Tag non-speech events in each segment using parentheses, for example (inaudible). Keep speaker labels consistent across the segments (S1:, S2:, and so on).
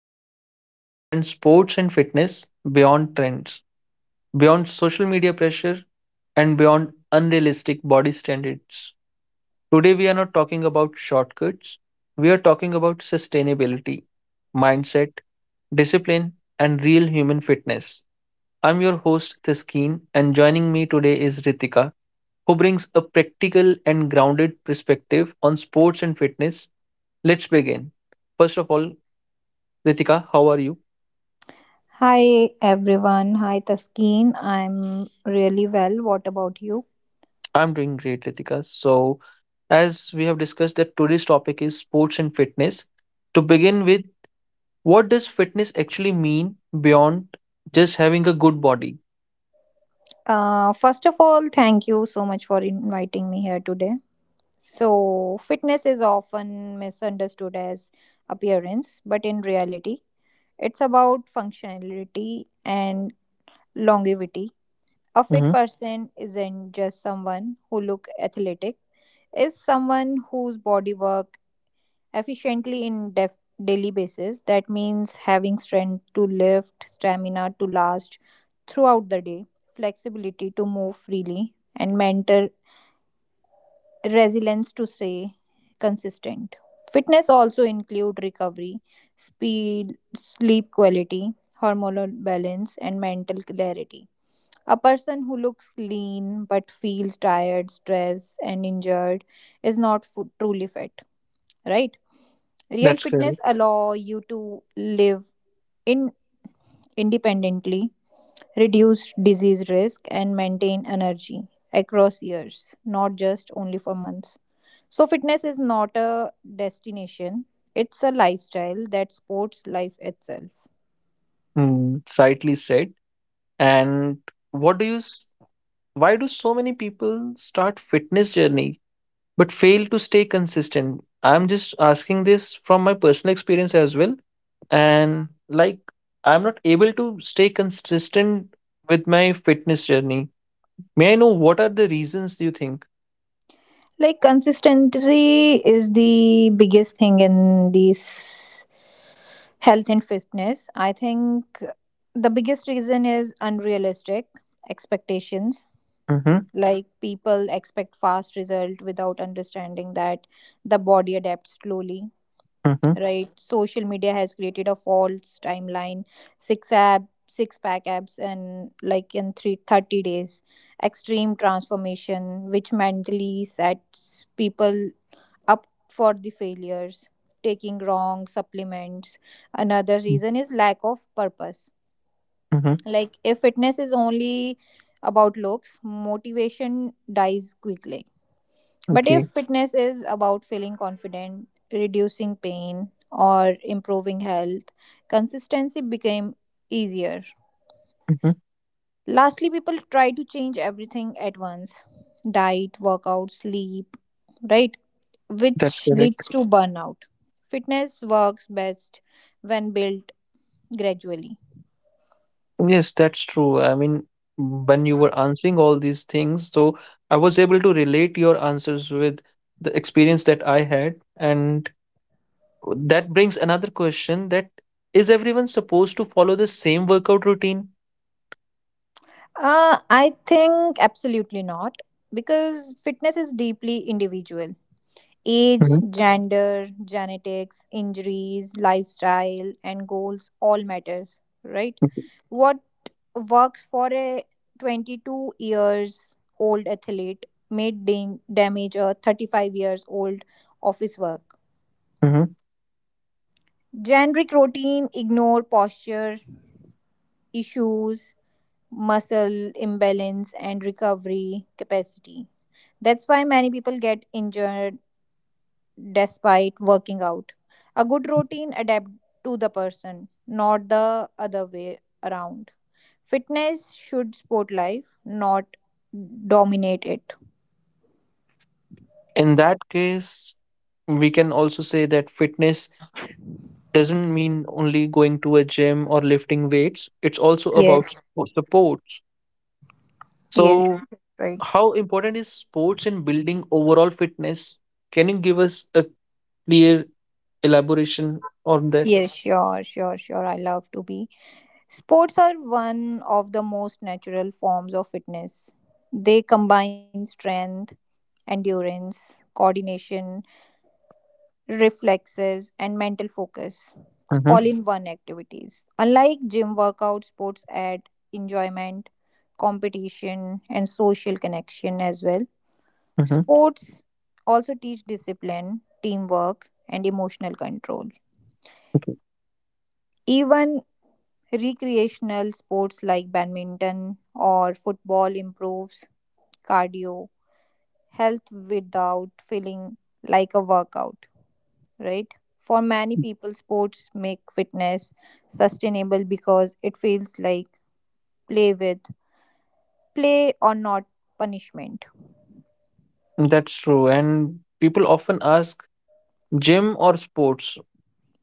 S1: who wants to understand sports and fitness beyond trends, beyond social media pressure, and beyond unrealistic body standards. Today, we are not talking about shortcuts, we are talking about sustainability, mindset, discipline, and real human fitness. I'm your host, Taskeen, and joining me today is Ritika who brings a practical and grounded perspective on sports and fitness. Let's begin. First of all, Ritika, how are you?
S2: Hi everyone. Hi Taskeen. I'm really well. What about you?
S1: I'm doing great, Ritika. So, as we have discussed, that today's topic is sports and fitness. To begin with, what does fitness actually mean beyond just having a good body?
S2: First of all, thank you so much for inviting me here today. So, fitness is often misunderstood as appearance, but in reality, it's about functionality and longevity. A fit
S1: Hmm.
S2: person isn't just someone who look athletic, is someone whose bodywork efficiently in daily basis. That means having strength to lift, stamina to last throughout the day, flexibility to move freely, and mental resilience to stay consistent. Fitness also include recovery, speed, sleep quality, hormonal balance, and mental clarity. A person who looks lean but feels tired, stressed, and injured is not truly fit, right? Real
S1: That's
S2: fitness
S1: correct.
S2: allow you to live in independently, reduce disease risk and maintain energy across years, not just only for months. So fitness is not a destination, it's a lifestyle that supports life itself.
S1: Mm, rightly said. And what do you? S- why do so many people start fitness journey but fail to stay consistent? I'm just asking this from my personal experience as well. And like, I'm not able to stay consistent with my fitness journey. May I know what are the reasons you think?
S2: Like consistency is the biggest thing in this health and fitness. I think the biggest reason is unrealistic expectations,
S1: Mm-hmm,
S2: like people expect fast result without understanding that the body adapts slowly,
S1: mm-hmm,
S2: right? Social media has created a false timeline, six pack abs and like in three thirty days, extreme transformation which mentally sets people up for the failures, taking wrong supplements. Another reason is lack of purpose,
S1: mm-hmm,
S2: like if fitness is only about looks, motivation dies quickly, but if
S1: okay.
S2: fitness is about feeling confident, reducing pain, or improving health, consistency became easier.
S1: Mm-hmm.
S2: Lastly, people try to change everything at once: diet, workout, sleep, right?
S1: That's
S2: Which
S1: correct.
S2: leads to burnout. Fitness works best when built gradually.
S1: Yes, that's true. I mean, when you were answering all these things, so I was able to relate your answers with the experience that I had. And that brings another question, that is, everyone supposed to follow the same workout routine?
S2: I think absolutely not, because fitness is deeply individual. Age,
S1: Hmm.
S2: gender, genetics, injuries, lifestyle, and goals all matters, right? What works for a 22 years old athlete may damage a 35 years old office work.
S1: Hmm.
S2: Generic routine ignore posture issues, muscle imbalance, and recovery capacity. That's why many people get injured despite working out. A good routine adapt to the person, not the other way around. Fitness should support life, not dominate it.
S1: In that case, we can also say that fitness doesn't mean only going to a gym or lifting weights. It's also about
S2: Yes.
S1: sports.
S2: Yes.
S1: So,
S2: Right.
S1: how important is sports in building overall fitness? Can you give us a clear elaboration on that?
S2: Yes, sure. I love to be. Sports are one of the most natural forms of fitness. They combine strength, endurance, coordination, reflexes, and mental focus,
S1: Hmm.
S2: all in one activities. Unlike gym workouts, sports add enjoyment, competition, and social connection as well.
S1: Hmm.
S2: Sports also teach discipline, teamwork, and emotional control. Even recreational sports like badminton or football improves cardio, health without feeling like a workout, right? For many people, sports make fitness sustainable because it feels like play with, play or not punishment.
S1: That's true. And people often ask, gym or sports?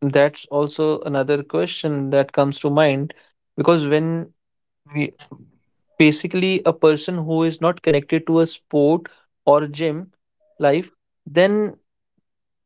S1: That's also another question that comes to mind, because when we basically a person who is not connected to a sport or gym life, then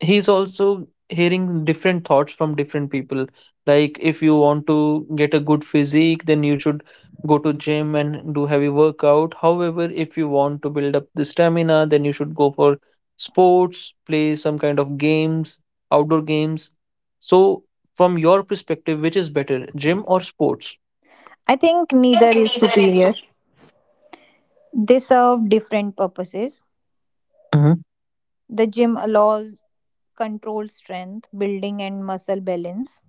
S1: he's also hearing different thoughts from different people. Like, if you want to get a good physique then you should go to gym and do heavy workout. However, if you want to build up the stamina then you should go for sports, play some kind of games, outdoor games. So, from your perspective, which is better, gym or sports?
S2: I think neither is superior. They serve different purposes.
S1: Mhm,
S2: The gym allows controlled strength, building, and muscle balance.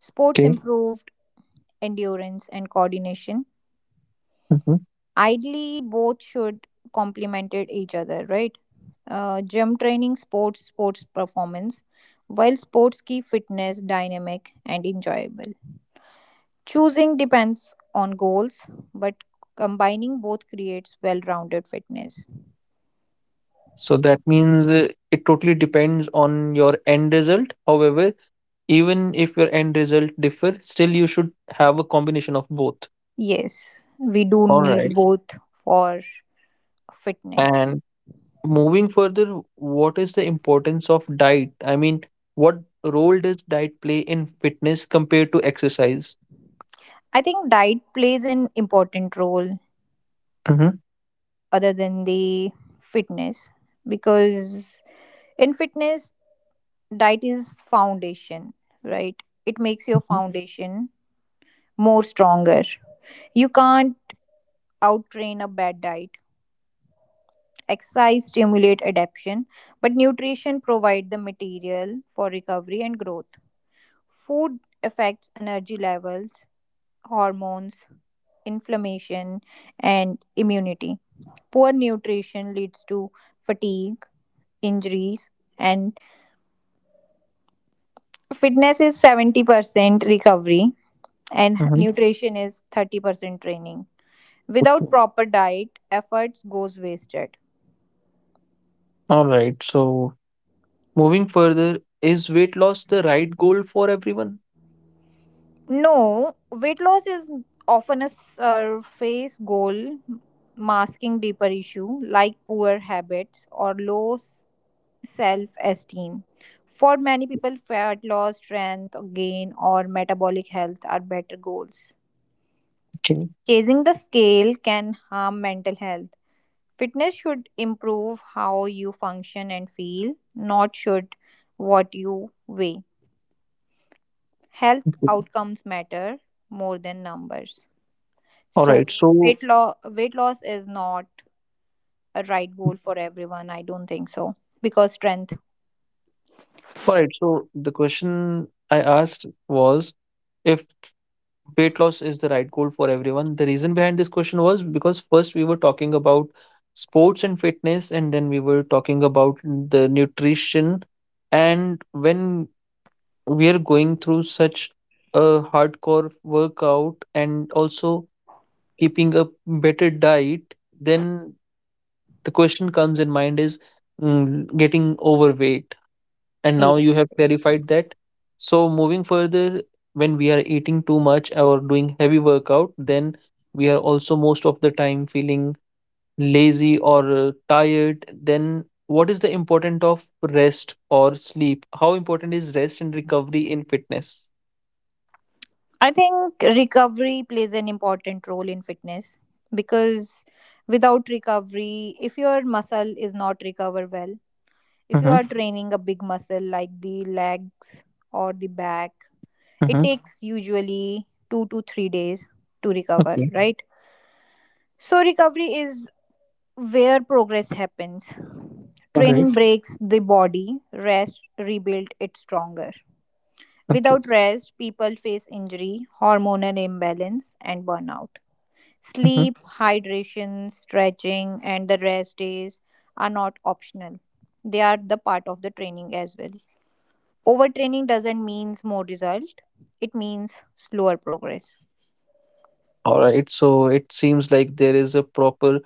S2: Sports
S1: okay.
S2: improved endurance and coordination.
S1: Mm-hmm.
S2: Ideally, both should complement each other, right? Gym training, sports performance, while sports keep fitness dynamic and enjoyable. Choosing depends on goals, but combining both creates well rounded fitness.
S1: So that means it totally depends on your end result. However, even if your end result differ, still you should have a combination of both.
S2: Yes, we do
S1: All
S2: need
S1: right.
S2: both for fitness.
S1: And moving further, what is the importance of diet? I mean, what role does diet play in fitness compared to exercise?
S2: I think diet plays an important role
S1: Mm-hmm.
S2: other than the fitness, because in fitness, diet is foundation, right? It makes your foundation more stronger. You can't outtrain a bad diet. Exercise stimulate adaptation, but nutrition provide the material for recovery and growth. Food affects energy levels, hormones, inflammation, and immunity. Poor nutrition leads to fatigue, injuries, and fitness is 70% recovery and
S1: Mm-hmm.
S2: nutrition is 30% training. Without proper diet, efforts goes wasted.
S1: All right. So moving further, is weight loss the right goal for everyone?
S2: No, weight loss is often a surface goal masking deeper issue like poor habits or low self esteem. For many people, fat loss, strength gain, or metabolic health are better goals.
S1: Okay.
S2: Chasing the scale can harm mental health. Fitness should improve how you function and feel, not should what you weigh. Health
S1: Okay.
S2: outcomes matter more than numbers.
S1: All right.
S2: So weight loss is not a right goal for everyone. I don't think so. Because strength,
S1: Alright, so the question I asked was, if weight loss is the right goal for everyone. The reason behind this question was because first we were talking about sports and fitness, and then we were talking about the nutrition. And when we are going through such a hardcore workout and also keeping a better diet, then the question comes in mind is, getting overweight, and now you
S2: yes.
S1: have clarified that. So moving further, when we are eating too much or doing heavy workout then we are also most of the time feeling lazy or tired. Then what is the importance of rest or sleep? How important is rest and recovery in fitness?
S2: I think recovery plays an important role in fitness because without recovery, if your muscle is not recover well, if you
S1: Mm-hmm.
S2: are (laughs) training a big muscle like the legs or the back, it
S1: Mm-hmm.
S2: takes usually 2 to 3 days to recover,
S1: Okay.
S2: right? So recovery is where progress happens.
S1: All right.
S2: Training breaks the body, rest rebuilds it stronger.
S1: Okay.
S2: Without rest, people face injury, hormonal imbalance, and burnout.
S1: Mm-hmm.
S2: Sleep, hydration, stretching, and the rest days are not optional. They are the part of the training as well. Overtraining doesn't mean more result, it means slower progress.
S1: All right, so it seems like there is a proper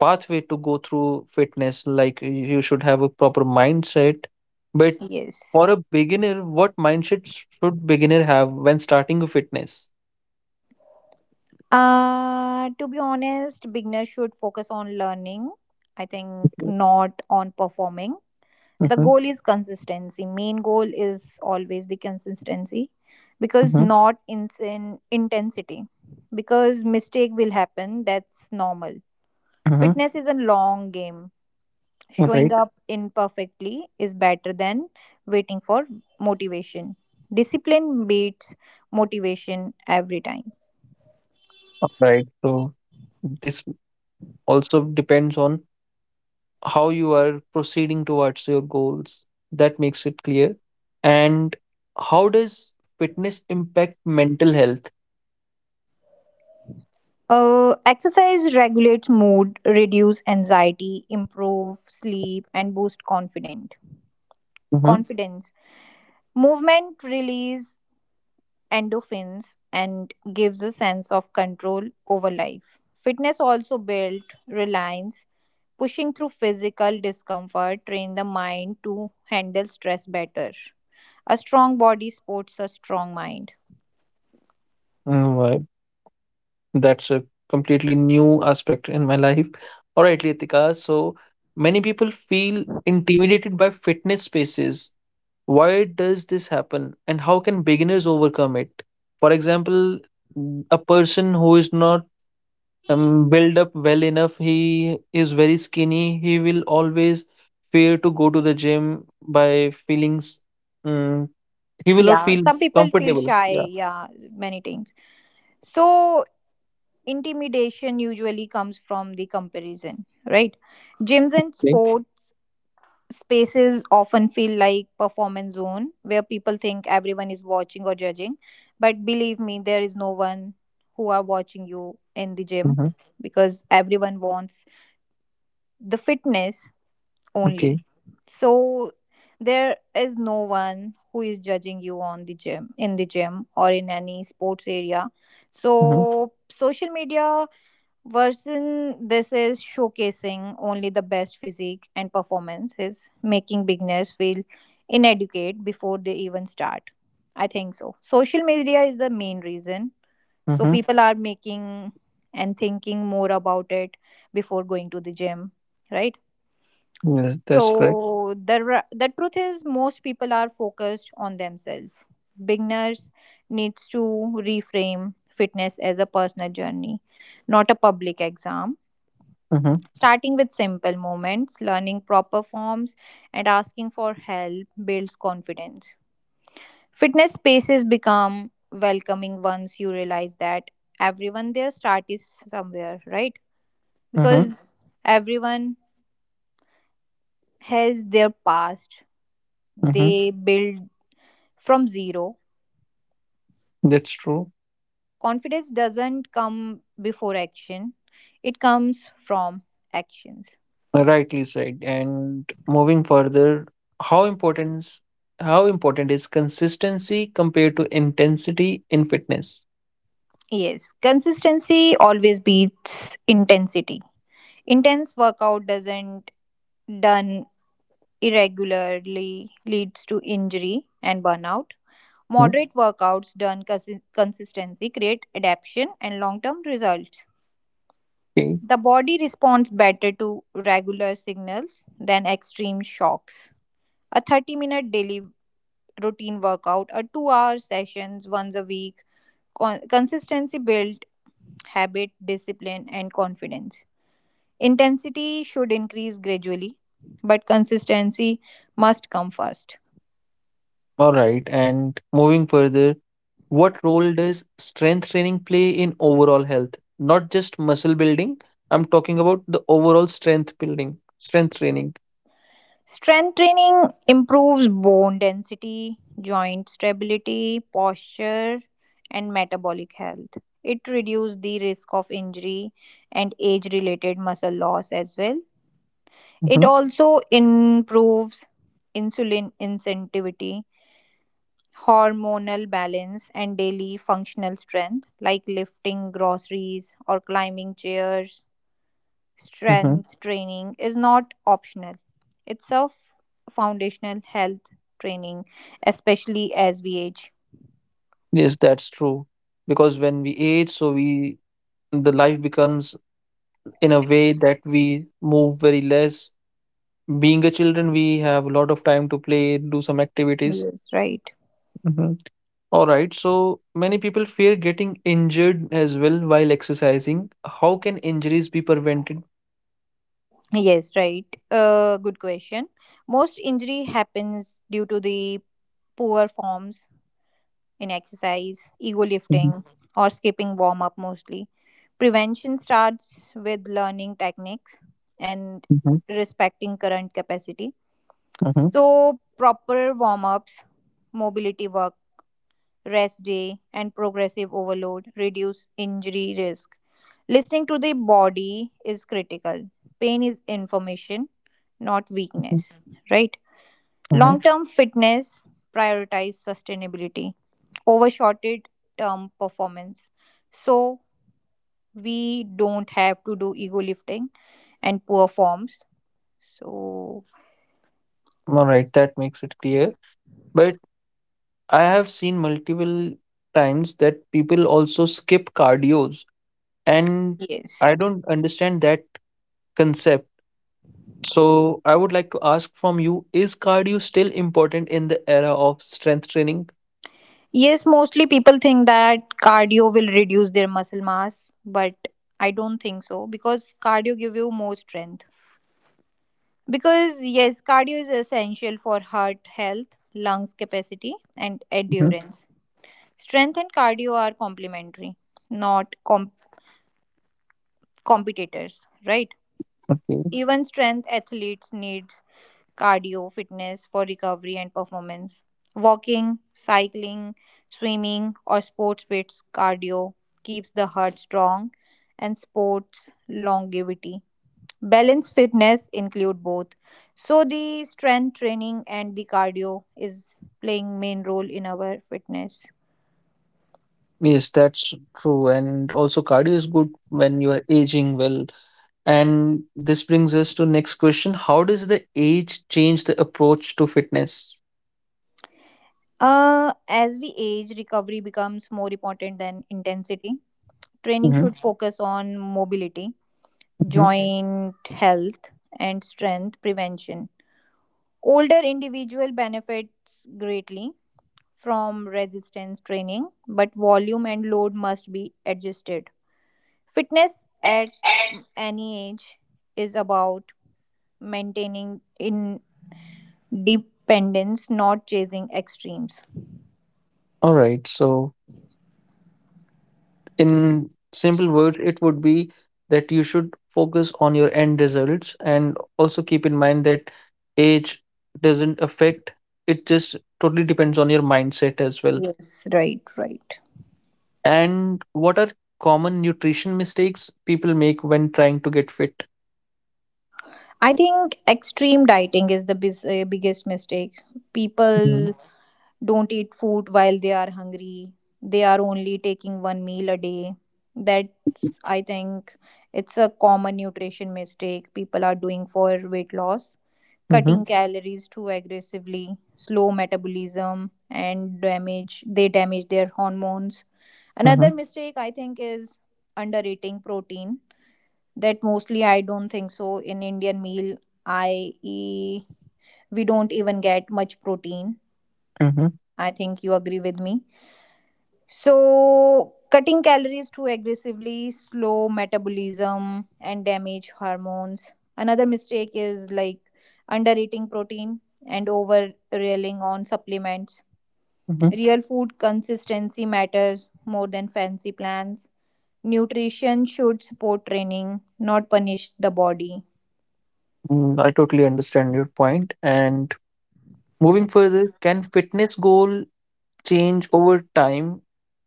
S1: pathway to go through fitness, like you should have a proper mindset, but
S2: Yes.
S1: for a beginner, what mindset should beginner have when starting a fitness?
S2: To be honest, beginners should focus on learning, I think,
S1: Mm-hmm,
S2: not on performing. The goal is consistency. Main goal is always the consistency because
S1: mm-hmm,
S2: not insane intensity. Because mistake will happen, that's normal.
S1: mm-hmm.
S2: Fitness is a long game. Showing
S1: Right.
S2: up imperfectly is better than waiting for motivation. Discipline beats motivation every time.
S1: Right, so this also depends on how you are proceeding towards your goals. That makes it clear. And how does fitness impact mental health?
S2: Exercise regulates mood, reduce anxiety, improve sleep, and boost confident confidence. Movement release endorphins and gives a sense of control over life. Fitness also built reliance, pushing through physical discomfort, train the mind to handle stress better. A strong body supports a strong mind.
S1: Mm-hmm. That's a completely new aspect in my life. (laughs) All right, Ritika. So many people feel intimidated by fitness spaces. Why does this happen and how can beginners overcome it? For example, a person who is not built up well enough, he is very skinny, he will always fear to go to the gym by feelings. Mm, he will not
S2: Yeah,
S1: feel
S2: some people feel
S1: comfortable. Yeah.
S2: shy. Yeah, many times so intimidation usually comes from the comparison, right? Gyms and
S1: Okay.
S2: sport spaces often feel like performance zone where people think everyone is watching or judging, but believe me, there is no one who are watching you in the gym
S1: Mm-hmm.
S2: because everyone wants the fitness
S1: Okay.
S2: only. So there is no one who is judging you on the gym in the gym or in any sports area.
S1: Mm-hmm.
S2: So social media version, this is showcasing only the best physique and performances, making beginners feel inadequate before they even start. I think so. Social media is the main reason. So
S1: Mm-hmm.
S2: people are making and thinking more about it before going to the gym, right?
S1: Yes, that's correct.
S2: So the truth is most people are focused on themselves. Beginners needs to reframe fitness as a personal journey, not a public exam.
S1: Mhm,
S2: Starting with simple moments, learning proper forms, and asking for help builds confidence. Fitness spaces become welcoming once you realize that everyone there start is somewhere, right?
S1: mhm,
S2: Because everyone has their past.
S1: mhm.
S2: They build from zero.
S1: That's true.
S2: Confidence doesn't come before action. It comes from actions.
S1: Rightly said. And moving further, how important is how important is consistency compared to intensity in fitness?
S2: Yes, consistency always beats intensity. Intense workout doesn't done irregularly leads to injury and burnout. Moderate workouts done consistently create adaptation and long-term results.
S1: Okay.
S2: The body responds better to regular signals than extreme shocks. A 30-minute daily routine workout, a 2-hour sessions once a week, consistency build habit, discipline and confidence. Intensity should increase gradually, but consistency must come first.
S1: All right. And moving further, what role does strength training play in overall health? Not just muscle building. I'm talking about the overall strength building, strength training.
S2: Strength training improves bone density, joint stability, posture, and metabolic health. It reduces the risk of injury and age related muscle loss as well. It
S1: Hmm.
S2: also improves insulin sensitivity, hormonal balance, and daily functional strength like lifting groceries or climbing chairs.
S1: Hmm.
S2: Strength training is not optional, it's a foundational health training, especially as we age.
S1: Yes, that's true. Because when we age, so we the life becomes in a way that we move very less. Being a children, we have a lot of time to play, do some activities.
S2: Yes, right.
S1: Hmm. All right, so many people fear getting injured as well while exercising. How can injuries be prevented?
S2: Yes, right. Good question. Most injury happens due to the poor forms in exercise, ego lifting,
S1: Mhm,
S2: Mhm, or skipping warm up mostly. Prevention starts with learning techniques and
S1: mhm,
S2: respecting current capacity.
S1: mhm,
S2: So, proper warm ups, mobility work, rest day, and progressive overload reduce injury risk. Listening to the body is critical. Pain is information, not
S1: mhm,
S2: weakness, right?
S1: mhm.
S2: Long term fitness prioritize sustainability over shorted term performance. So we don't have to do ego lifting and poor forms. So,
S1: All right, that makes it clear. But I have seen multiple times that people also skip cardios, and
S2: yes.
S1: I don't understand that concept. So, I would like to ask from you, is cardio still important in the era of strength training?
S2: Yes, mostly people think that cardio will reduce their muscle mass, but I don't think so because cardio give you more strength. Because yes, cardio is essential for heart health, lungs capacity and
S1: Mhm.
S2: endurance. Strength and cardio are complementary, not competitors, right?
S1: Okay.
S2: Even strength athletes need cardio, fitness for recovery and performance. Walking, cycling, swimming, or sports fits cardio keeps the heart strong and sports longevity. Balance fitness include both. So the strength training and the cardio is playing main role in our fitness.
S1: Yes, that's true. And also cardio is good when you are aging well. And this brings us to next question. How does the age change the approach to fitness?
S2: As we age, recovery becomes more important than intensity. Training
S1: Mhm.
S2: should focus on mobility,
S1: Mhm.
S2: joint health, and strength prevention. Older individual benefits greatly from resistance training, but volume and load must be adjusted. Fitness at any age is about maintaining independence, not chasing extremes.
S1: All right. So in simple words it would be that you should focus on your end results and also keep in mind that age doesn't affect, it just totally depends on your mindset as well.
S2: Yes. Right, right.
S1: And what are common nutrition mistakes people make when trying to get fit?
S2: I think extreme dieting is the biggest mistake.
S1: Mhm,
S2: People don't eat food while they are hungry. They are only taking one meal a day. That's, I think, it's a common nutrition mistake people are doing for weight loss.
S1: mhm,
S2: Cutting calories too aggressively, slow metabolism, and they damage their hormones.
S1: mhm,
S2: Another mistake I think is undereating protein, that mostly I don't think so. In Indian meal, I e- we don't even get much protein.
S1: mhm,
S2: I think you agree with me. So cutting calories too aggressively, slow metabolism and damage hormones. Another mistake is like under eating protein and over relying on supplements.
S1: mhm.
S2: Real food consistency matters more than fancy plans. Nutrition should support training, not punish the body.
S1: Mm, I totally understand your point. And moving further, can fitness goal change over time?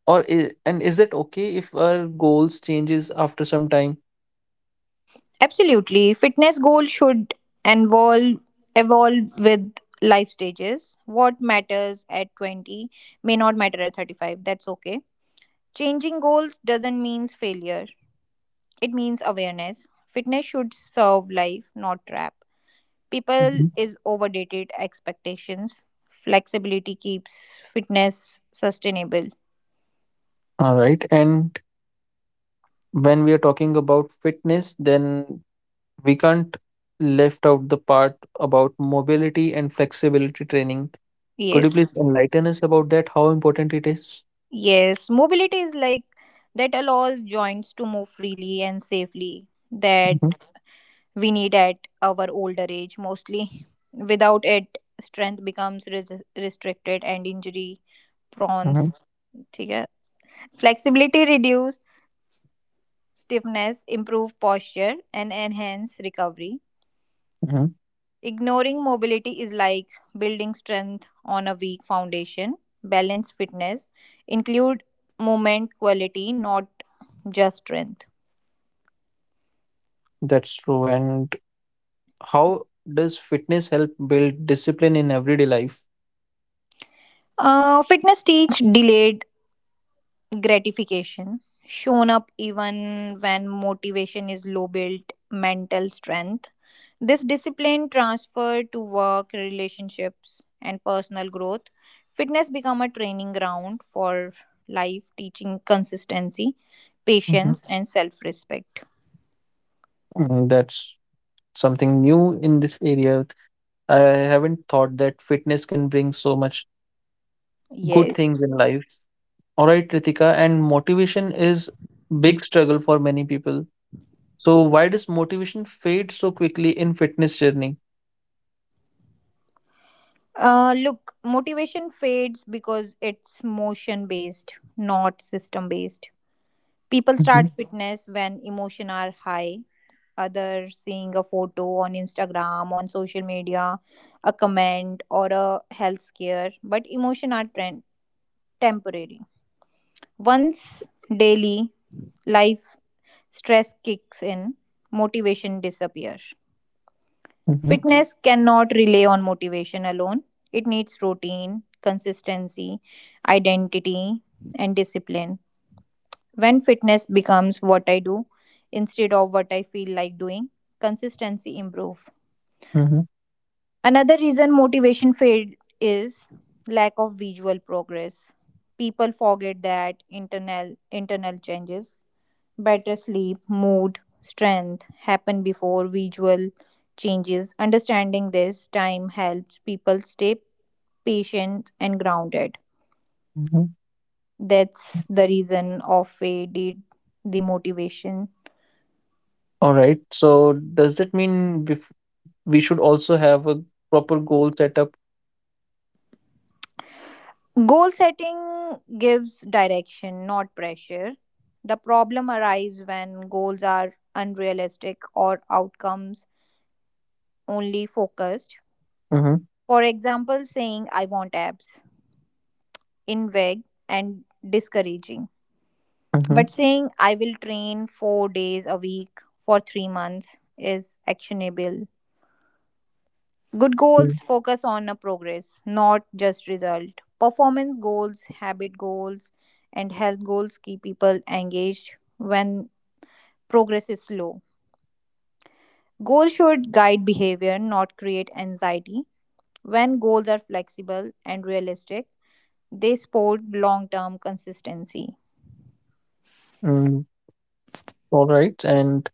S1: And is it okay if our goals changes after some time?
S2: Absolutely. Fitness goals should involve evolve with life stages. What matters at 20 may not matter at 35. That's okay. Changing goals doesn't mean failure. It means awareness. Fitness should serve life, not trap. People
S1: Mhm.
S2: is overdated expectations. Flexibility keeps fitness sustainable.
S1: All right, and when we are talking about fitness then we can't left out the part about mobility and flexibility training. Could you please
S2: Yes.
S1: enlighten us about that, how important it is?
S2: Yes, mobility is like that allows joints to move freely and safely. That
S1: Mhm.
S2: we need at our older age mostly. Without it, strength becomes restricted and injury prone.
S1: Mhm.
S2: ठीक है, flexibility reduce stiffness, improve posture, and enhance recovery.
S1: Mhm.
S2: Ignoring mobility is like building strength on a weak foundation. Balance fitness include movement quality, not just strength.
S1: That's true. And how does fitness help build discipline in everyday life?
S2: Fitness teach delayed gratification, shown up even when motivation is low, built mental strength. This discipline transferred to work, relationships, and personal growth. Fitness become a training ground for life, teaching consistency,
S1: Mhm.
S2: patience, and self respect.
S1: Mm, that's something new in this area. I haven't thought that fitness can bring so much good things
S2: Yes.
S1: in life. All right, Ritika, and motivation is big struggle for many people. So why does motivation fade so quickly in fitness journey?
S2: Look, motivation fades because it's motion based, not system based. People
S1: Mhm,
S2: start fitness when emotion are high, other seeing a photo on Instagram, on social media, a comment, or a health scare, but emotion are temporary. Once daily life stress kicks in, motivation disappears. Mhm.
S1: mhm,
S2: Fitness cannot rely on motivation alone, it needs routine, consistency, identity, and discipline. When fitness becomes what I do instead of what I feel like doing, consistency improve.
S1: mhm,
S2: Another reason motivation fade is lack of visual progress. People forget that internal changes, better sleep, mood, strength happen before visual changes. Understanding this time helps people stay patient and grounded.
S1: mhm.
S2: That's the reason of faded the motivation.
S1: All right. So does that mean we should also have a proper goal setup?
S2: Goal setting gives direction, not pressure. The problem arises when goals are unrealistic or outcomes only focused.
S1: Mm-hmm,
S2: For example, saying I want abs in vague and discouraging.
S1: mm-hmm.
S2: But saying I will train 4 days a week for 3 months is actionable. Good goals focus on a progress, not just result. Performance goals, habit goals, and health goals keep people engaged when progress is slow. Goals should guide behavior, not create anxiety. When goals are flexible and realistic, they support long term consistency.
S1: Mm, all right. And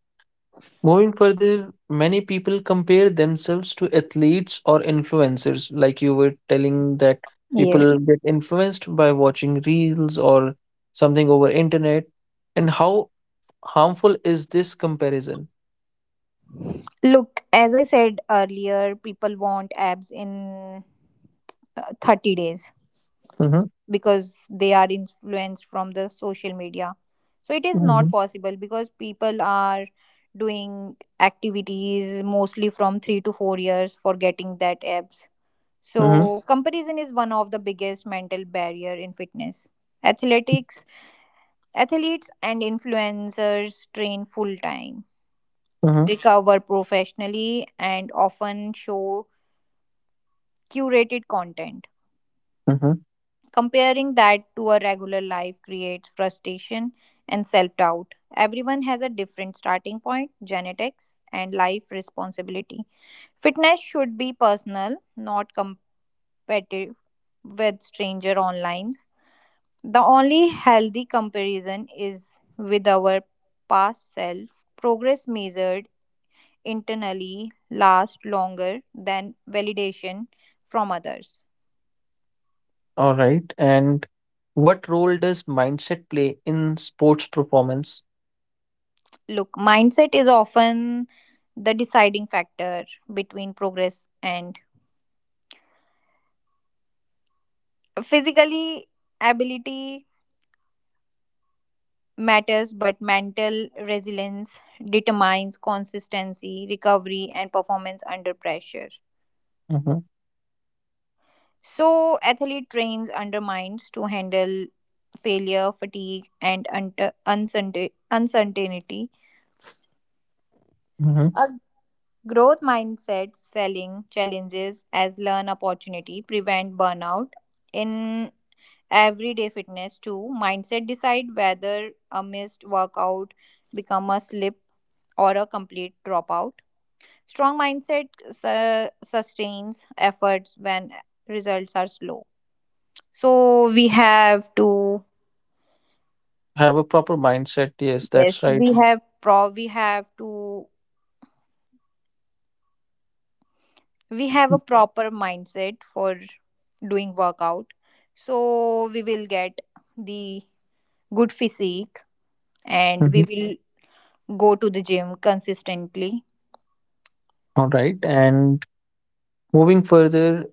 S1: moving further, many people compare themselves to athletes or influencers, like you were telling that people
S2: Yes.
S1: get influenced by watching reels or something over internet. And how harmful is this comparison?
S2: Look, as I said earlier, people want abs in 30 days
S1: Mm-hmm,
S2: because they are influenced from the social media, so it is not
S1: mm-hmm,
S2: possible because people are doing activities mostly from 3 to 4 years for getting that abs.
S1: mm-hmm,
S2: So comparison is one of the biggest mental barrier in fitness. Athletics Athletes and influencers train full time,
S1: mm-hmm,
S2: recover professionally, and often show curated content.
S1: mm-hmm.
S2: Comparing that to a regular life creates frustration and self doubt. Everyone has a different starting point, genetics, and life responsibility. Fitness should be personal, not competitive with stranger online. The only healthy comparison is with our past self. Progress measured internally lasts longer than validation from others.
S1: All right. And what role does mindset play in sports performance?
S2: Look, mindset is often the deciding factor between progress and physically ability matters, but mental resilience determines consistency, recovery, and performance under pressure.
S1: Mm-hmm,
S2: So athlete trains under minds to handle failure, fatigue, and uncertainty.
S1: mm-hmm.
S2: A growth mindset selling challenges as learn opportunity prevent burnout in everyday fitness too. Mindset decide whether a missed workout become a slip or a complete dropout. Strong mindset sustains efforts when results are slow. So we have to,
S1: Have a proper mindset. Yes,
S2: yes,
S1: that's right.
S2: we have to we have a proper mindset for doing workout. So we will get the good physique, and
S1: Mhm.
S2: we will go to the gym consistently.
S1: All right. And moving further,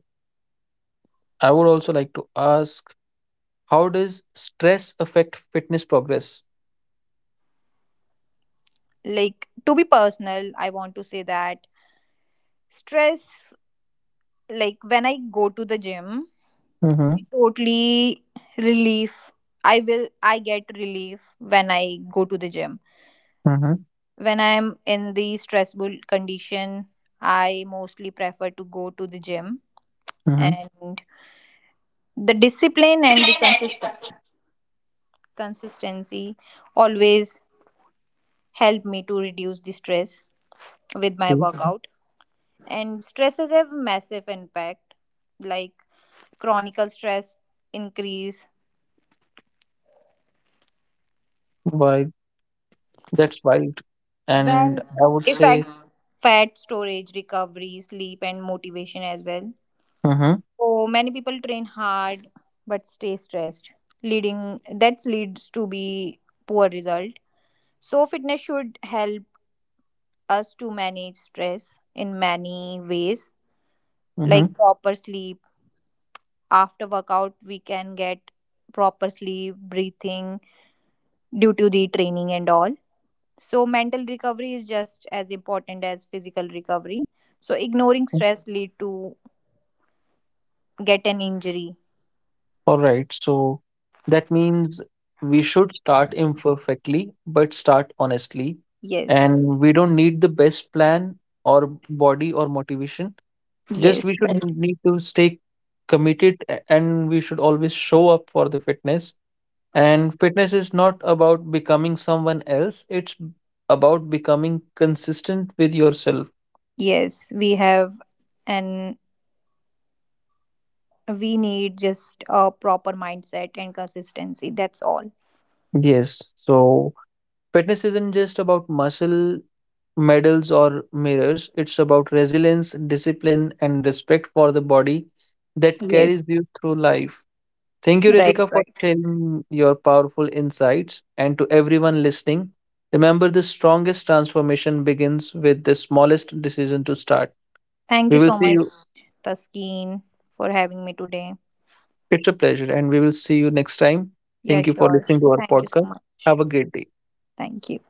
S1: I would also like to ask, how does stress affect fitness progress?
S2: Like to be personal, I want to say that stress, like when I go to the gym,
S1: Mm-hmm.
S2: I totally relief. I get relief when I go to the gym.
S1: Mm-hmm.
S2: When I'm in the stressful condition, I mostly prefer to go to the gym.
S1: Mm-hmm.
S2: And the discipline and the consistent consistency always help me to reduce the stress with my
S1: Okay.
S2: workout. And stresses have massive impact, like chronic stress increase
S1: Why? That's wild. And
S2: when
S1: I would say,
S2: affects fat storage, recovery, sleep, and motivation as well.
S1: Mm-hmm.
S2: So many people train hard but stay stressed, leading that leads to be poor result. So fitness should help us to manage stress in many ways,
S1: Mm-hmm.
S2: like proper sleep. After workout we can get proper sleep, breathing, due to the training and all. So, mental recovery is just as important as physical recovery. So, ignoring stress lead to get an injury.
S1: All right, so that means we should start imperfectly, but start honestly.
S2: Yes,
S1: And we don't need the best plan or body or motivation. Just
S2: yes,
S1: we should
S2: right.
S1: need to stay committed and we should always show up for the fitness. And fitness is not about becoming someone else, it's about becoming consistent with yourself.
S2: Yes. We have, and we need just a proper mindset and consistency. That's all.
S1: Yes. So, fitness isn't just about muscle, medals, or mirrors, it's about resilience, discipline, and respect for the body that
S2: Yes,
S1: carries you through life. Thank you,
S2: right,
S1: Ritika, for
S2: right.
S1: sharing your powerful insights. And to everyone listening, remember the strongest transformation begins with the smallest decision to start.
S2: Thank you
S1: We will
S2: so
S1: see
S2: much,
S1: you
S2: Taskeen, for having me today.
S1: It's a pleasure, and we will see you next time.
S2: Yeah,
S1: Thank you for
S2: sure.
S1: listening to our
S2: Thank you so
S1: podcast.
S2: much.
S1: Have a great day.
S2: Thank you.